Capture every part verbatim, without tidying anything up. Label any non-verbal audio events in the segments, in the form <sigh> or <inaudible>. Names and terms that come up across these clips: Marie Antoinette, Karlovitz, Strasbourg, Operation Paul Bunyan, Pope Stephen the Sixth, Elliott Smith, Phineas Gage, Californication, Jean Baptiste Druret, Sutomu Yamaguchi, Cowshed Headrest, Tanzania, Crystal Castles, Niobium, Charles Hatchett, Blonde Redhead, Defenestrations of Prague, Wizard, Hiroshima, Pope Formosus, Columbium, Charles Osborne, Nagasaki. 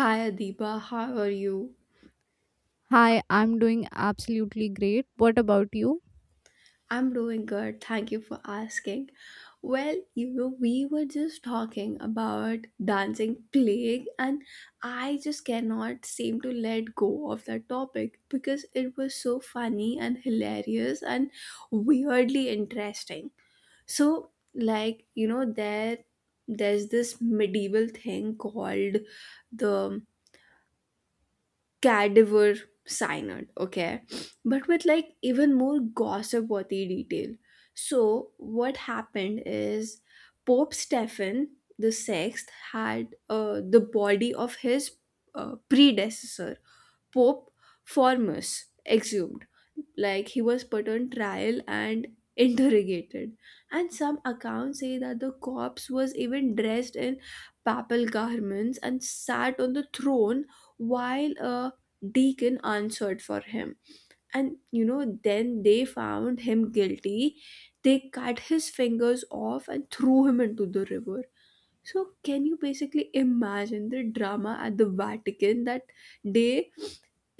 Hi Adiba, how are you? Hi, I'm doing absolutely great. What about you? I'm doing good. Thank you for asking. Well, you know, we were just talking about dancing plague, and I just cannot seem to let go of that topic because it was so funny and hilarious and weirdly interesting. So, like, you know, there there's this medieval thing called the cadaver cyanide, okay, but with like even more gossip worthy detail. So what happened is Pope Stephen the Sixth had uh, the body of his uh, predecessor Pope Formus exhumed. Like, he was put on trial and <laughs> interrogated, and some accounts say that the corpse was even dressed in papal garments and sat on the throne while a deacon answered for him. And you know, then they found him guilty. They cut his fingers off and threw him into the river. So can you basically imagine the drama at the Vatican that day?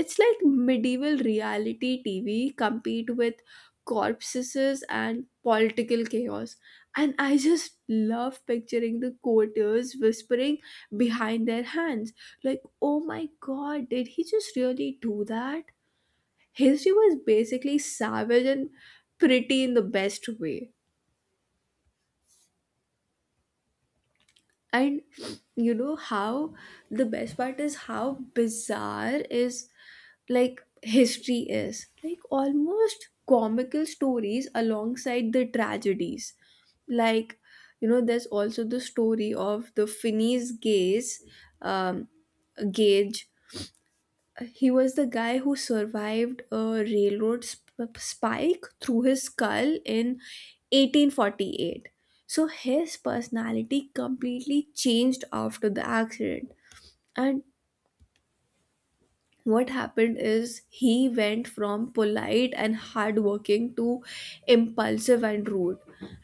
It's like medieval reality T V, compete with corpses and political chaos. And I just love picturing the courtiers whispering behind their hands, like, oh my god, did he just really do that? History was basically savage and pretty in the best way. And you know how the best part is how bizarre is, like history is like almost comical stories alongside the tragedies. Like, you know, there's also the story of the Finney's gaze, um, gauge. He was the guy who survived a railroad sp- spike through his skull in eighteen forty-eight. So his personality completely changed after the accident. And what happened is he went from polite and hardworking to impulsive and rude.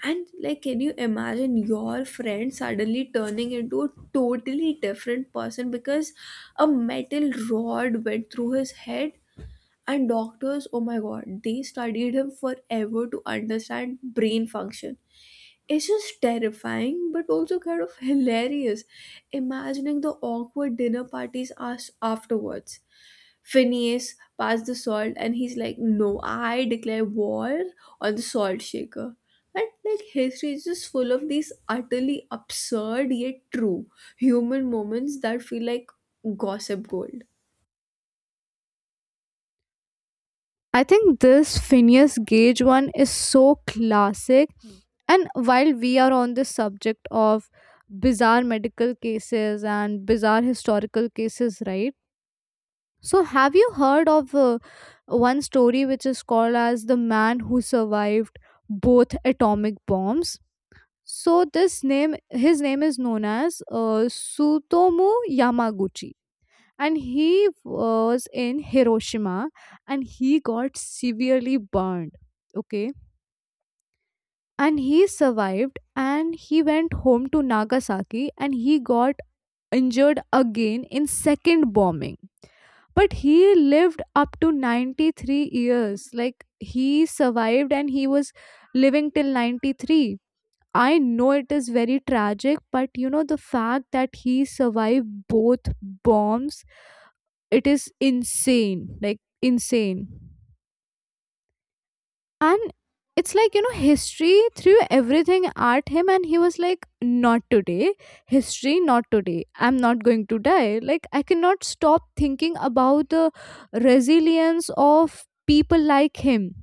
And like, can you imagine your friend suddenly turning into a totally different person because a metal rod went through his head? And doctors, oh my god, they studied him forever to understand brain function. It's just terrifying, but also kind of hilarious imagining the awkward dinner parties us afterwards. Phineas passed the salt, and he's like, no, I declare war on the salt shaker. And like, history is just full of these utterly absurd yet true human moments that feel like gossip gold. I think this Phineas Gage one is so classic. And while we are on the subject of bizarre medical cases and bizarre historical cases, right? So, have you heard of uh, one story which is called as the man who survived both atomic bombs? So, this name, his name is known as uh, Sutomu Yamaguchi, and he was in Hiroshima and he got severely burned. Okay. And he survived and he went home to Nagasaki and he got injured again in second bombing. But he lived up to ninety-three years. Like he survived and he was living till ninety-three. I know it is very tragic, but you know, the fact that he survived both bombs, it is insane, like insane. And it's like, you know, history threw everything at him, and he was like, "Not today. History, not today. I'm not going to die." Like, I cannot stop thinking about the resilience of people like him.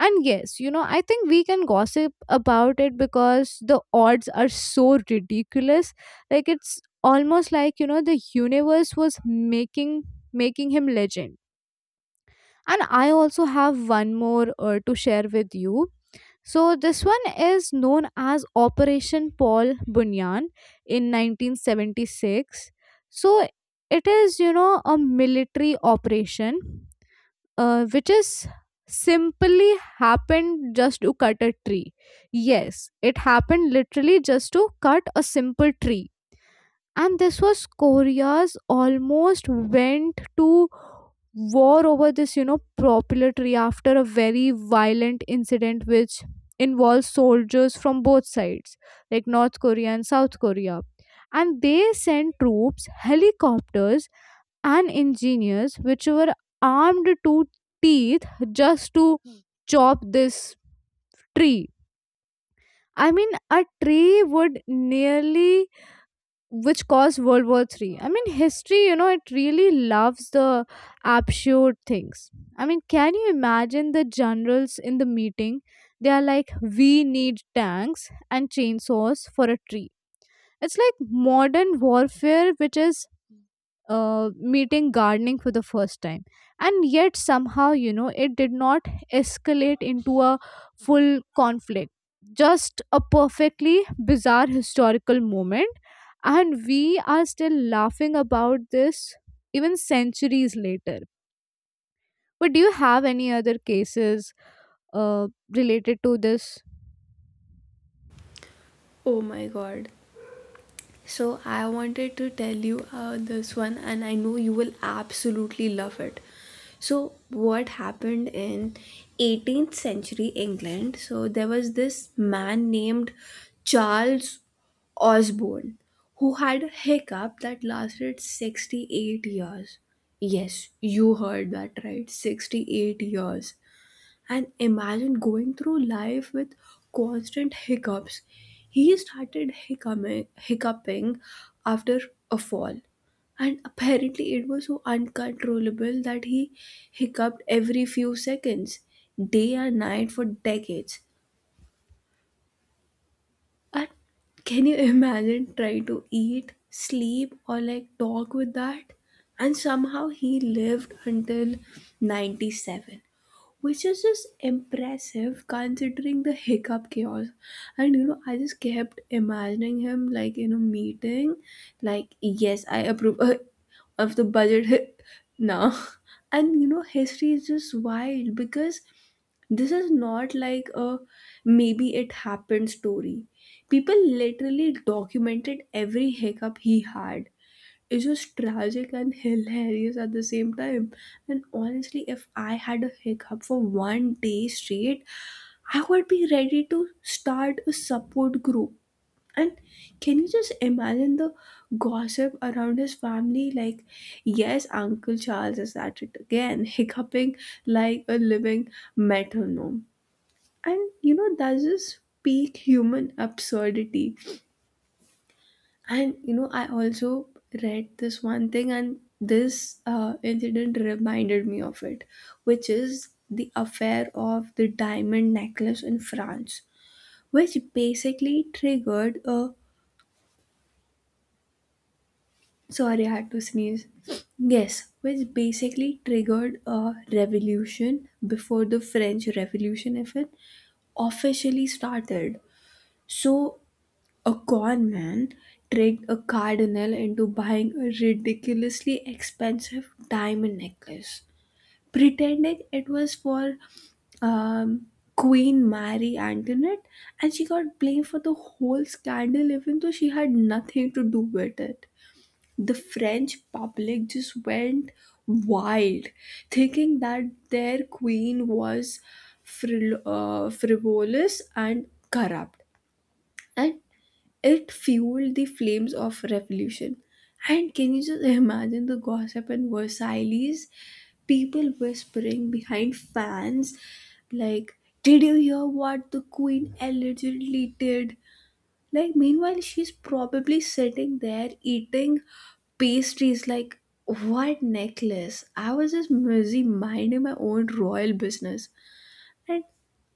And yes, you know, I think we can gossip about it because the odds are so ridiculous. Like, it's almost like, you know, the universe was making making him legend. And I also have one more uh, to share with you. So, this one is known as Operation Paul Bunyan in nineteen seventy-six. So, it is, you know, a military operation uh, which is simply happened just to cut a tree. Yes, it happened literally just to cut a simple tree, and this was Korea's, almost went to war over this, you know, proprietary, after a very violent incident which involves soldiers from both sides, like North Korea and South Korea. And they sent troops, helicopters, and engineers which were armed to teeth just to chop this tree. I mean, a tree would nearly, which caused World War Three. I mean, history, you know, it really loves the absurd things. I mean, can you imagine the generals in the meeting? They are like, "We need tanks and chainsaws for a tree." It's like modern warfare, which is uh, meeting gardening for the first time. And yet, somehow, you know, it did not escalate into a full conflict, just a perfectly bizarre historical moment. And we are still laughing about this even centuries later. But do you have any other cases uh, related to this? Oh my god. So I wanted to tell you uh, this one, and I know you will absolutely love it. So what happened in eighteenth century England? So there was this man named Charles Osborne who had a hiccup that lasted sixty-eight years. Yes, you heard that right, sixty-eight years. And imagine going through life with constant hiccups. He started hiccuping, hiccuping after a fall. And apparently, it was so uncontrollable that he hiccuped every few seconds, day and night, for decades. And can you imagine trying to eat, sleep, or like talk with that? And somehow he lived until ninety-seven, which is just impressive considering the hiccup chaos. And you know, I just kept imagining him like in a meeting, like, yes, I approve <laughs> uh, of the budget <laughs> now. And you know, history is just wild because this is not like a maybe it happened story. People literally documented every hiccup he had. It's just tragic and hilarious at the same time. And honestly, if I had a hiccup for one day straight, I would be ready to start a support group. And can you just imagine the gossip around his family? Like, yes, Uncle Charles is at it again, <laughs> hiccuping like a living metronome. And you know, that's just peak human absurdity. And you know, I also read this one thing, and this uh, incident reminded me of it, which is the affair of the diamond necklace in France, which basically triggered a sorry, I had to sneeze. Yes, which basically triggered a revolution before the French Revolution, if it officially started. So a con man tricked a cardinal into buying a ridiculously expensive diamond necklace, pretending it was for um, Queen Marie Antoinette, and she got blamed for the whole scandal, even though she had nothing to do with it. The French public just went wild, thinking that their queen was fril- uh, frivolous and corrupt. And it fueled the flames of revolution. And can you just imagine the gossip in Versailles? People whispering behind fans, like, did you hear what the queen allegedly did? Like, meanwhile, she's probably sitting there eating pastries like, what necklace? I was just busy minding my own royal business. And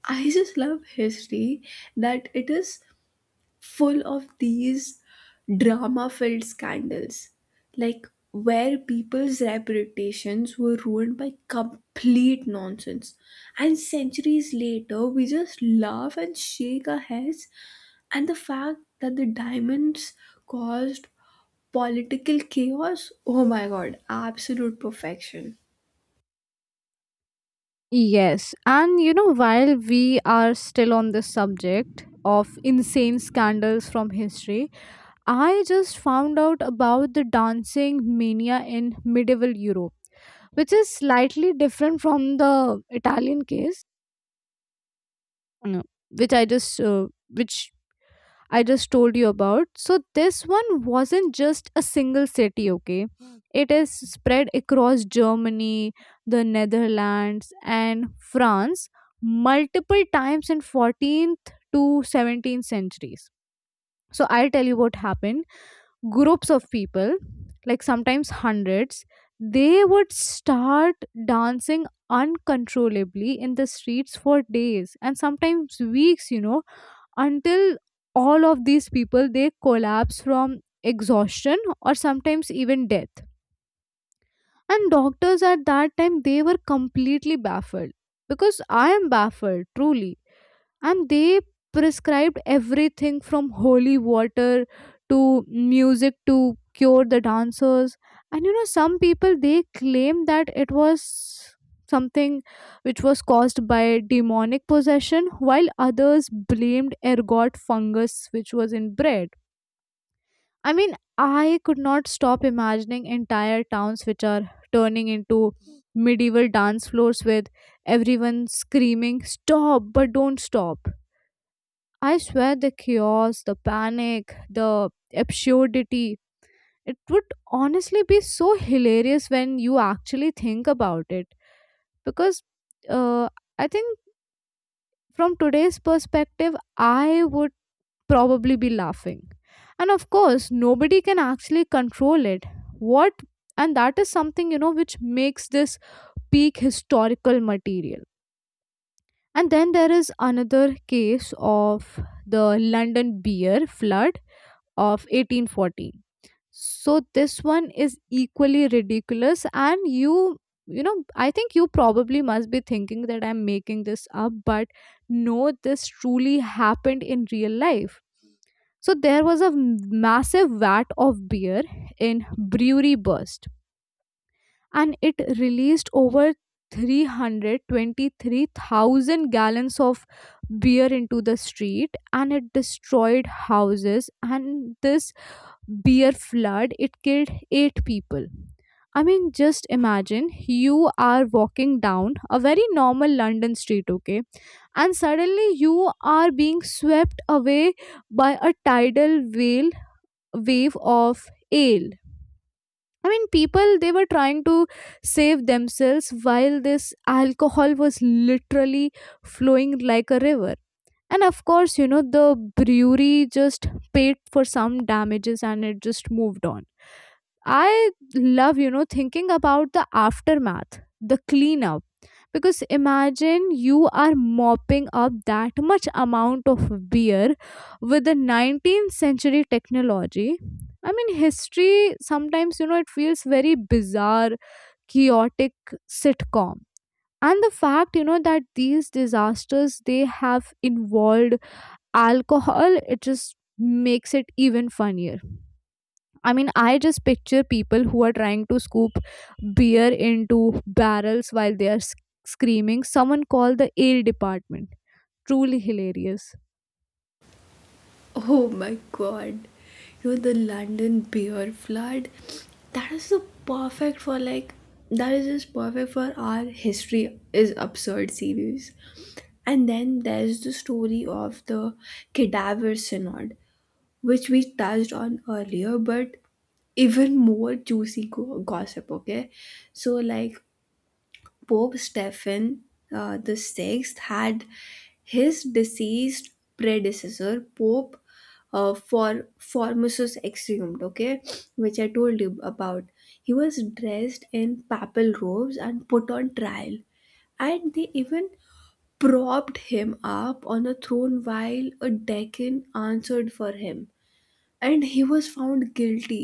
I just love history, that it is full of these drama filled scandals, like where people's reputations were ruined by complete nonsense. And centuries later, we just laugh and shake our heads. And the fact that the diamonds caused political chaos, oh my god, absolute perfection. Yes, and you know, while we are still on the subject of insane scandals from history, I just found out about the dancing mania in medieval Europe, which is slightly different from the Italian case, uh, which I just uh, which I just told you about. So this one wasn't just a single city, okay? It is spread across Germany, the Netherlands, and France multiple times in fourteenth to seventeenth centuries. So I'll tell you what happened. Groups of people, like sometimes hundreds, they would start dancing uncontrollably in the streets for days and sometimes weeks, you know, until all of these people, they collapse from exhaustion or sometimes even death. And doctors at that time, they were completely baffled, because I am baffled truly. And they prescribed everything from holy water to music to cure the dancers. And you know, some people, they claim that it was something which was caused by demonic possession, while others blamed ergot fungus which was in bread. I mean, I could not stop imagining entire towns which are turning into medieval dance floors with everyone screaming stop but don't stop. I swear the chaos, the panic, the absurdity, it would honestly be so hilarious when you actually think about it. Because uh, I think from today's perspective, I would probably be laughing. And of course, nobody can actually control it. What, and that is something, you know, which makes this peak historical material. And then there is another case of the London beer flood of eighteen forty. So this one is equally ridiculous, and you you know, I think you probably must be thinking that I'm making this up, but no, this truly happened in real life. So there was a m- massive vat of beer in brewery burst, and it released over three hundred twenty-three thousand gallons of beer into the street, and it destroyed houses, and this beer flood, it killed eight people. I mean, just imagine you are walking down a very normal London street, okay, and suddenly you are being swept away by a tidal whale wave of ale. I mean, people, they were trying to save themselves while this alcohol was literally flowing like a river. And of course, you know, the brewery just paid for some damages and it just moved on. I love, you know, thinking about the aftermath, the cleanup. Because imagine you are mopping up that much amount of beer with the nineteenth century technology. I mean, history sometimes, you know, it feels very bizarre, chaotic sitcom. And the fact, you know, that these disasters, they have involved alcohol, it just makes it even funnier. I mean, I just picture people who are trying to scoop beer into barrels while they are s- screaming, "Someone call the ale department." Truly hilarious. Oh my god. You know the London beer flood? That is so perfect for like, that is just perfect for our history is absurd series. And then there's the story of the cadaver synod, which we touched on earlier, but even more juicy go- gossip, okay. So like, Pope Stephen uh, the Sixth had his deceased predecessor, Pope uh, for Formosus exhumed, okay, which I told you about. He was dressed in papal robes and put on trial, and they even propped him up on a throne while a deacon answered for him, and he was found guilty,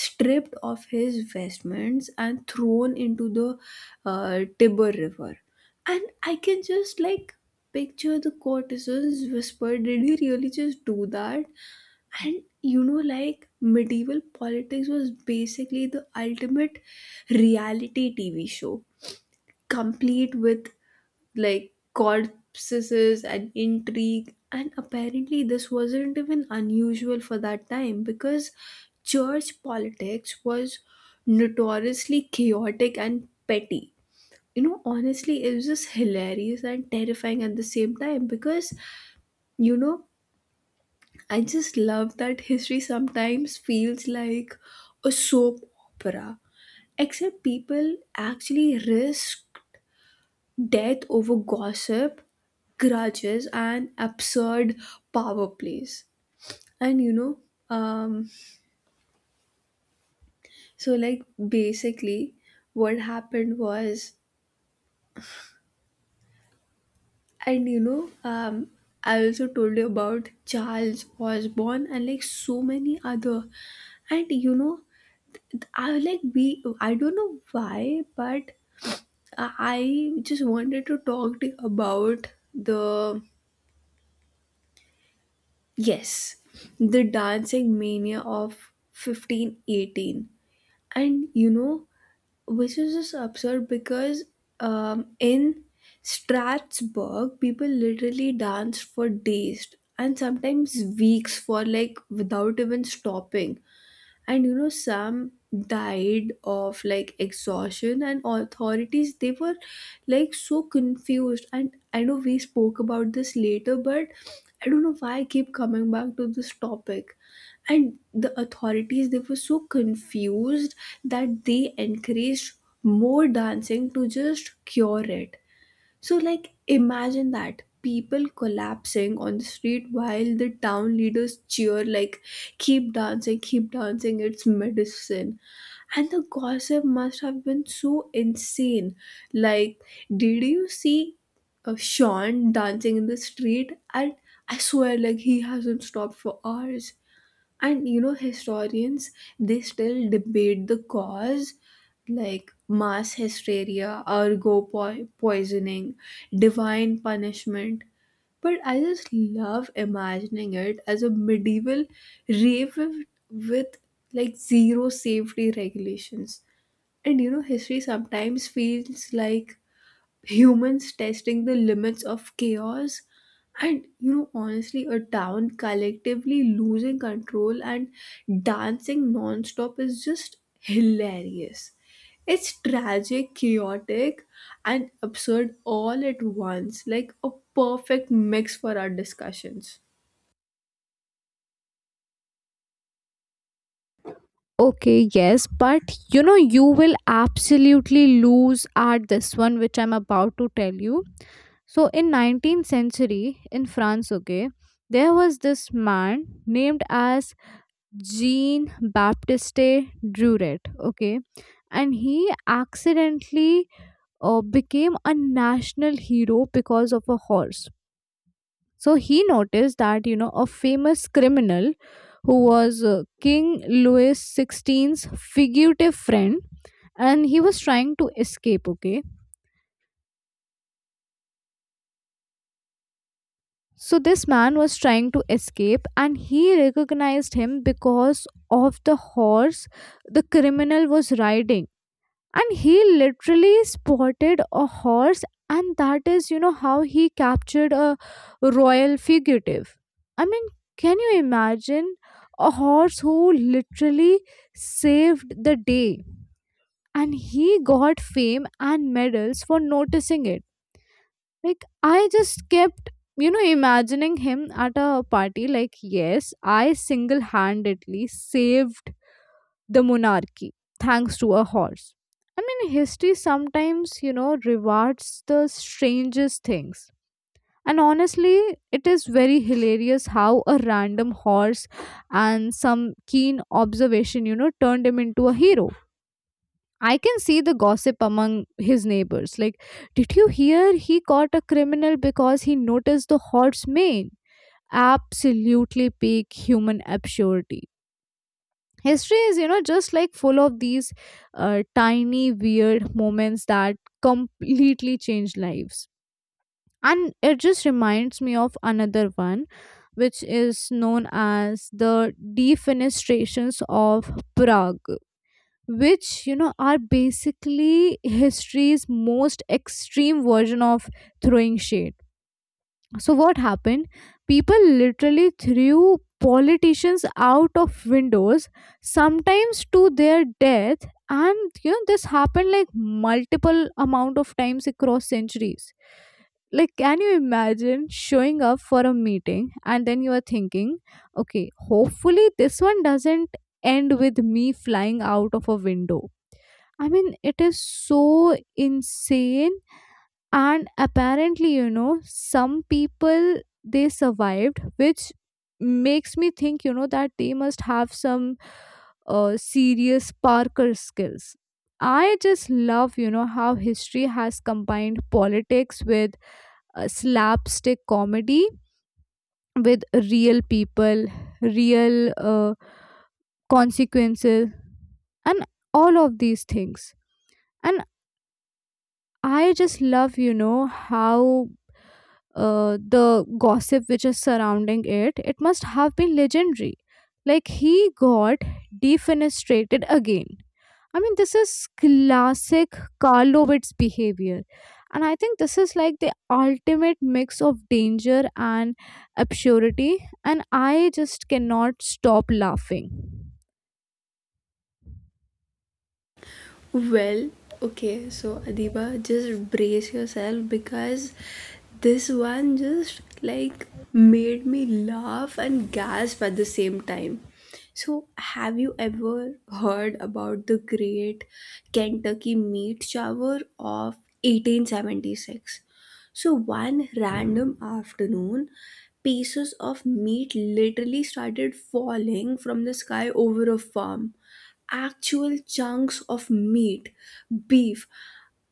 stripped of his vestments and thrown into the uh, Tiber River. And I can just like picture the courtesans whisper, did he really just do that? And you know, like medieval politics was basically the ultimate reality T V show, complete with like corpses and intrigue. And apparently, this wasn't even unusual for that time because church politics was notoriously chaotic and petty. You know, honestly, it was just hilarious and terrifying at the same time because, you know, I just love that history sometimes feels like a soap opera, except people actually risk death over gossip, grudges, and absurd power plays. And you know, um, so like basically, what happened was, and you know, um, I also told you about Charles Osborne and like so many other, and you know, I like we I don't know why, but I I just wanted to talk to you about the yes, the dancing mania of fifteen eighteen. And you know, which is just absurd because um, in Strasbourg, people literally danced for days and sometimes weeks for like without even stopping. And you know, some died of like exhaustion, and authorities they were like so confused. And I know we spoke about this later, but I don't know why I keep coming back to this topic. And the authorities, they were so confused that they encouraged more dancing to just cure it. So, like, imagine that people collapsing on the street while the town leaders cheer, like, keep dancing, keep dancing, it's medicine. And the gossip must have been so insane. Like, did you see uh, Sean dancing in the street? And I swear, like, he hasn't stopped for hours. And you know, historians they still debate the cause, like mass hysteria, ergo po- poisoning, divine punishment, but I just love imagining it as a medieval rave, with, with like zero safety regulations. And you know, history sometimes feels like humans testing the limits of chaos. And you know, honestly, a town collectively losing control and dancing non-stop is just hilarious. It's tragic, chaotic, and absurd all at once, like a perfect mix for our discussions. Okay, yes, but you know, you will absolutely lose at this one, which I'm about to tell you. So, in nineteenth century in France, okay, there was this man named as Jean Baptiste Druret, okay, and he accidentally uh, became a national hero because of a horse. So he noticed that, you know, a famous criminal who was uh, King Louis sixteen's fugitive friend, and he was trying to escape, okay? So this man was trying to escape, and he recognized him because of the horse the criminal was riding. And he literally spotted a horse, and that is, you know, how he captured a royal fugitive. I mean, can you imagine a horse who literally saved the day, and he got fame and medals for noticing it? Like, I just kept, you know, imagining him at a party like, "Yes, I single-handedly saved the monarchy thanks to a horse." I mean, history sometimes, you know, rewards the strangest things. And honestly, it is very hilarious how a random horse and some keen observation, you know, turned him into a hero. I can see the gossip among his neighbors. Like, did you hear he caught a criminal because he noticed the horse mane? Absolutely peak human absurdity. History is, you know, just like full of these uh, tiny weird moments that completely change lives. And it just reminds me of another one which is known as the defenestrations of Prague, which, you know, are basically history's most extreme version of throwing shade. So what happened? People literally threw politicians out of windows, sometimes to their death, and you know, this happened like multiple amount of times across centuries. Like, can you imagine showing up for a meeting and then you are thinking, okay, hopefully this one doesn't end with me flying out of a window. I mean, it is so insane. And apparently, you know, some people, they survived, which makes me think, you know, that they must have some uh, serious parker skills. I just love, you know, how history has combined politics with uh, slapstick comedy with real people, real uh, consequences and all of these things. And I just love, you know, how uh, the gossip which is surrounding it, it must have been legendary. Like, he got defenestrated again. I mean, this is classic Karlovitz behavior. And I think this is like the ultimate mix of danger and absurdity. And I just cannot stop laughing. Well, okay, so Adiba, just brace yourself because this one just like made me laugh and gasp at the same time. So, have you ever heard about the great Kentucky meat shower of eighteen seventy-six? So, one random afternoon, pieces of meat literally started falling from the sky over a farm, actual chunks of meat, beef,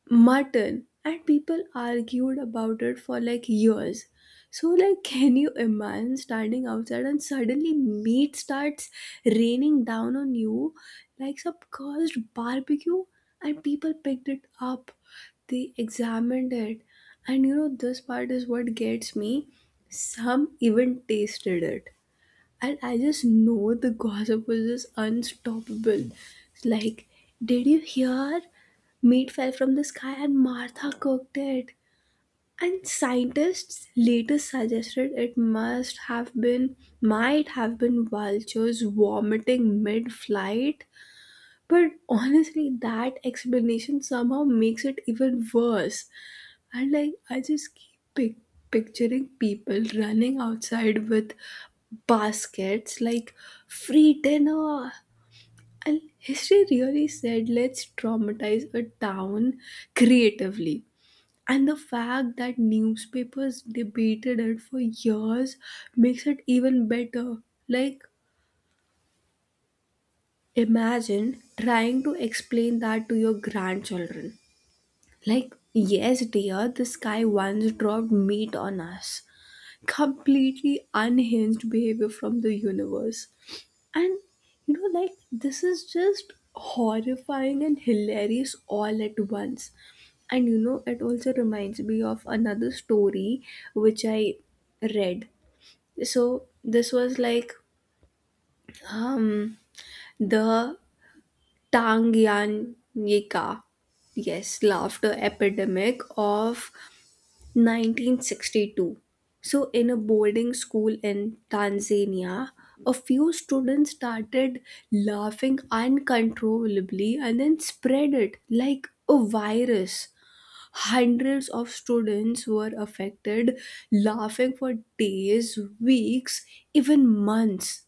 mutton, and people argued about it for like years. So, like, <laughs> can you imagine standing outside and suddenly meat starts raining down on you like some cursed barbecue? And people picked it up, they examined it, and you know, this part is what gets me. Some even tasted it. And I just know the gossip was just unstoppable. Like, did you hear? Meat fell from the sky and Martha cooked it. And scientists later suggested it must have been, might have been vultures vomiting mid flight. But honestly, that explanation somehow makes it even worse. And like, I just keep pic- picturing people running outside with baskets like free dinner. And history really said, let's traumatize a town creatively. And the fact that newspapers debated it for years makes it even better. Like, imagine trying to explain that to your grandchildren. Like, yes, dear, this guy once dropped meat on us. Completely unhinged behavior from the universe. And you know, like, this is just horrifying and hilarious all at once. And you know, it also reminds me of another story which I read. So, this was like um, the Tangyan, yes, laughter epidemic of nineteen sixty-two. So, in a boarding school in Tanzania, a few students started laughing uncontrollably and then spread it like a virus. Hundreds of students were affected, laughing for days, weeks, even months.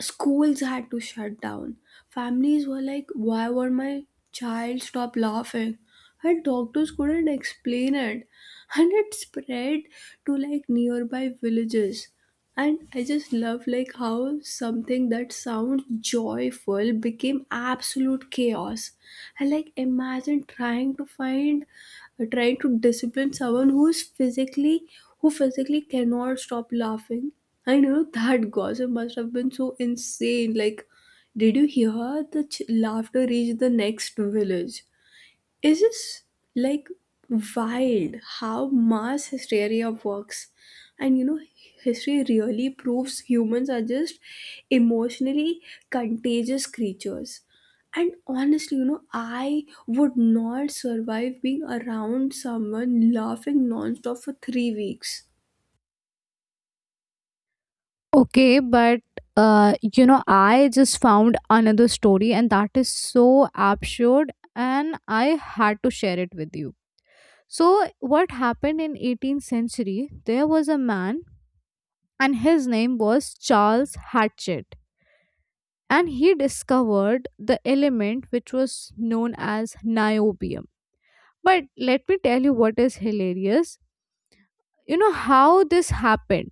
Schools had to shut down. Families were like, why would my child stop laughing? And doctors couldn't explain it. <laughs> And it spread to like nearby villages. And I just love like how something that sounds joyful became absolute chaos. And like, imagine trying to find trying to discipline someone who is physically who physically cannot stop laughing. I know <laughs> that gossip must have been so insane. Like, did you hear the ch- laughter reached the next village? Is this like wild how mass hysteria works. And you know, history really proves humans are just emotionally contagious creatures. And honestly, you know, I would not survive being around someone laughing nonstop for three weeks. Okay, but uh, you know, I just found another story, and that is so absurd, and I had to share it with you. So, what happened in eighteenth century? There was a man, and his name was Charles Hatchett, and he discovered the element which was known as niobium. But let me tell you what is hilarious, you know how this happened.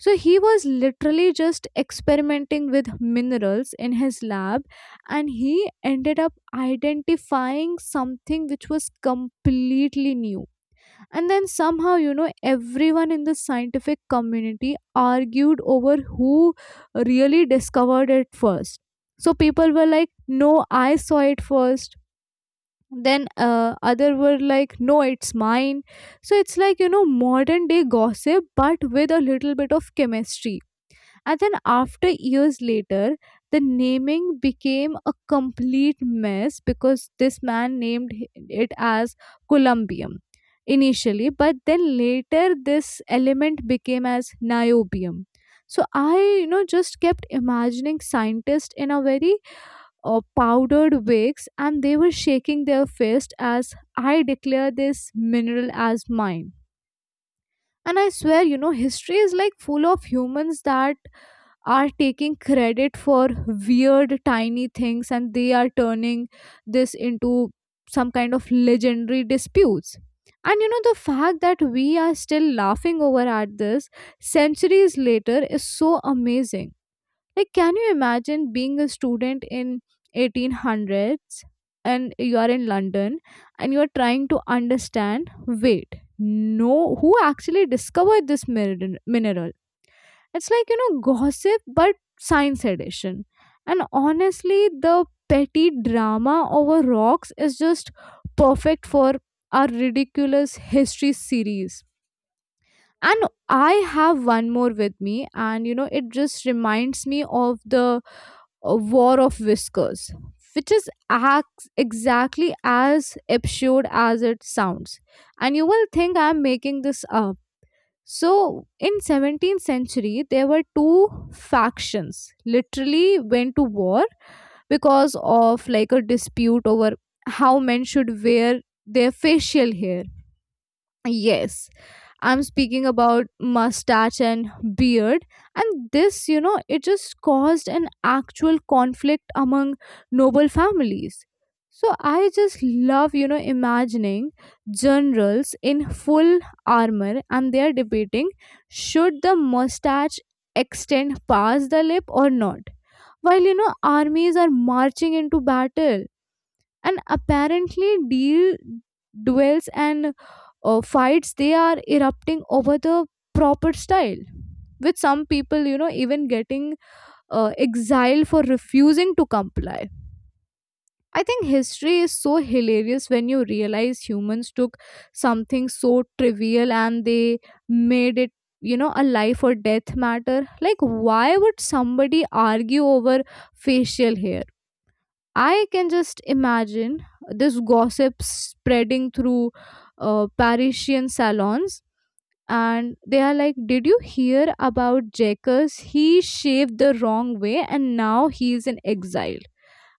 So he was literally just experimenting with minerals in his lab, and he ended up identifying something which was completely new. And then somehow, you know, everyone in the scientific community argued over who really discovered it first. So people were like, "No, I saw it first." Then uh, other were like, "No, it's mine." So it's like, you know, modern day gossip but with a little bit of chemistry. And then after years later, the naming became a complete mess because this man named h- it as columbium initially, but then later this element became as niobium. So I, you know, just kept imagining scientists in a very uh, powdered wigs, and they were shaking their fist as, "I declare this mineral as mine." And I swear, you know, history is like full of humans that are taking credit for weird tiny things, and they are turning this into some kind of legendary disputes. And you know, the fact that we are still laughing over at this centuries later is so amazing. Like, can you imagine being a student in eighteen hundreds and you are in London and you are trying to understand? Wait, no, who actually discovered this mineral? Mineral? It's like, you know, gossip, but science edition. And honestly, the petty drama over rocks is just perfect for our ridiculous history series. And I have one more with me, and you know, it just reminds me of the a war of whiskers, which is acts exactly as absurd as it sounds. And you will think I'm making this up. So in seventeenth century, there were two factions literally went to war because of like a dispute over how men should wear their facial hair. Yes. I'm speaking about mustache and beard. And this, you know, it just caused an actual conflict among noble families. So I just love, you know, imagining generals in full armor, and they are debating, should the mustache extend past the lip or not, while, you know, armies are marching into battle. And apparently, deal, duels and uh, fights, they are erupting over the proper style, with some people, you know, even getting uh, exiled for refusing to comply. I think history is so hilarious when you realize humans took something so trivial and they made it, you know, a life or death matter. Like, why would somebody argue over facial hair? I can just imagine this gossip spreading through uh, Parisian salons. And they are like, "Did you hear about Jacques? He shaved the wrong way and now he is in exile."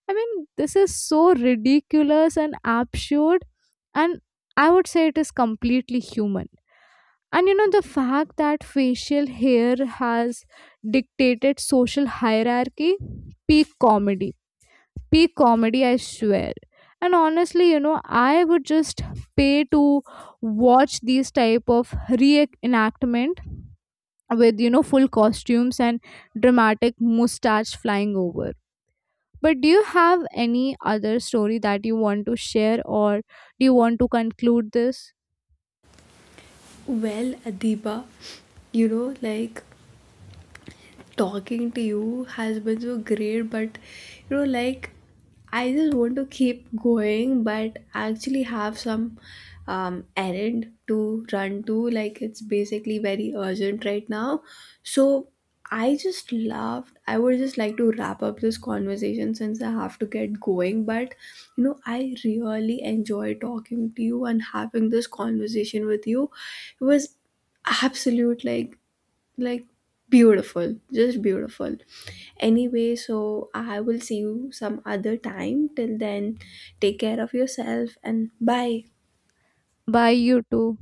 I mean, this is so ridiculous and absurd. And I would say it is completely human. And you know, the fact that facial hair has dictated social hierarchy, peak comedy, peak comedy I swear. And honestly, you know, I would just pay to watch these type of reenactment with, you know, full costumes and dramatic mustache flying over. But do you have any other story that you want to share or do you want to conclude this? Well, Adiba, you know, like, talking to you has been so great, but you know, like, I just want to keep going, but actually have some um, errand to run to. Like, it's basically very urgent right now. So I just loved. I would just like to wrap up this conversation since I have to get going. But you know, I really enjoy talking to you and having this conversation with you. It was absolute like, like beautiful, just beautiful. Anyway, so I will see you some other time. Till then, take care of yourself, and bye. By you too.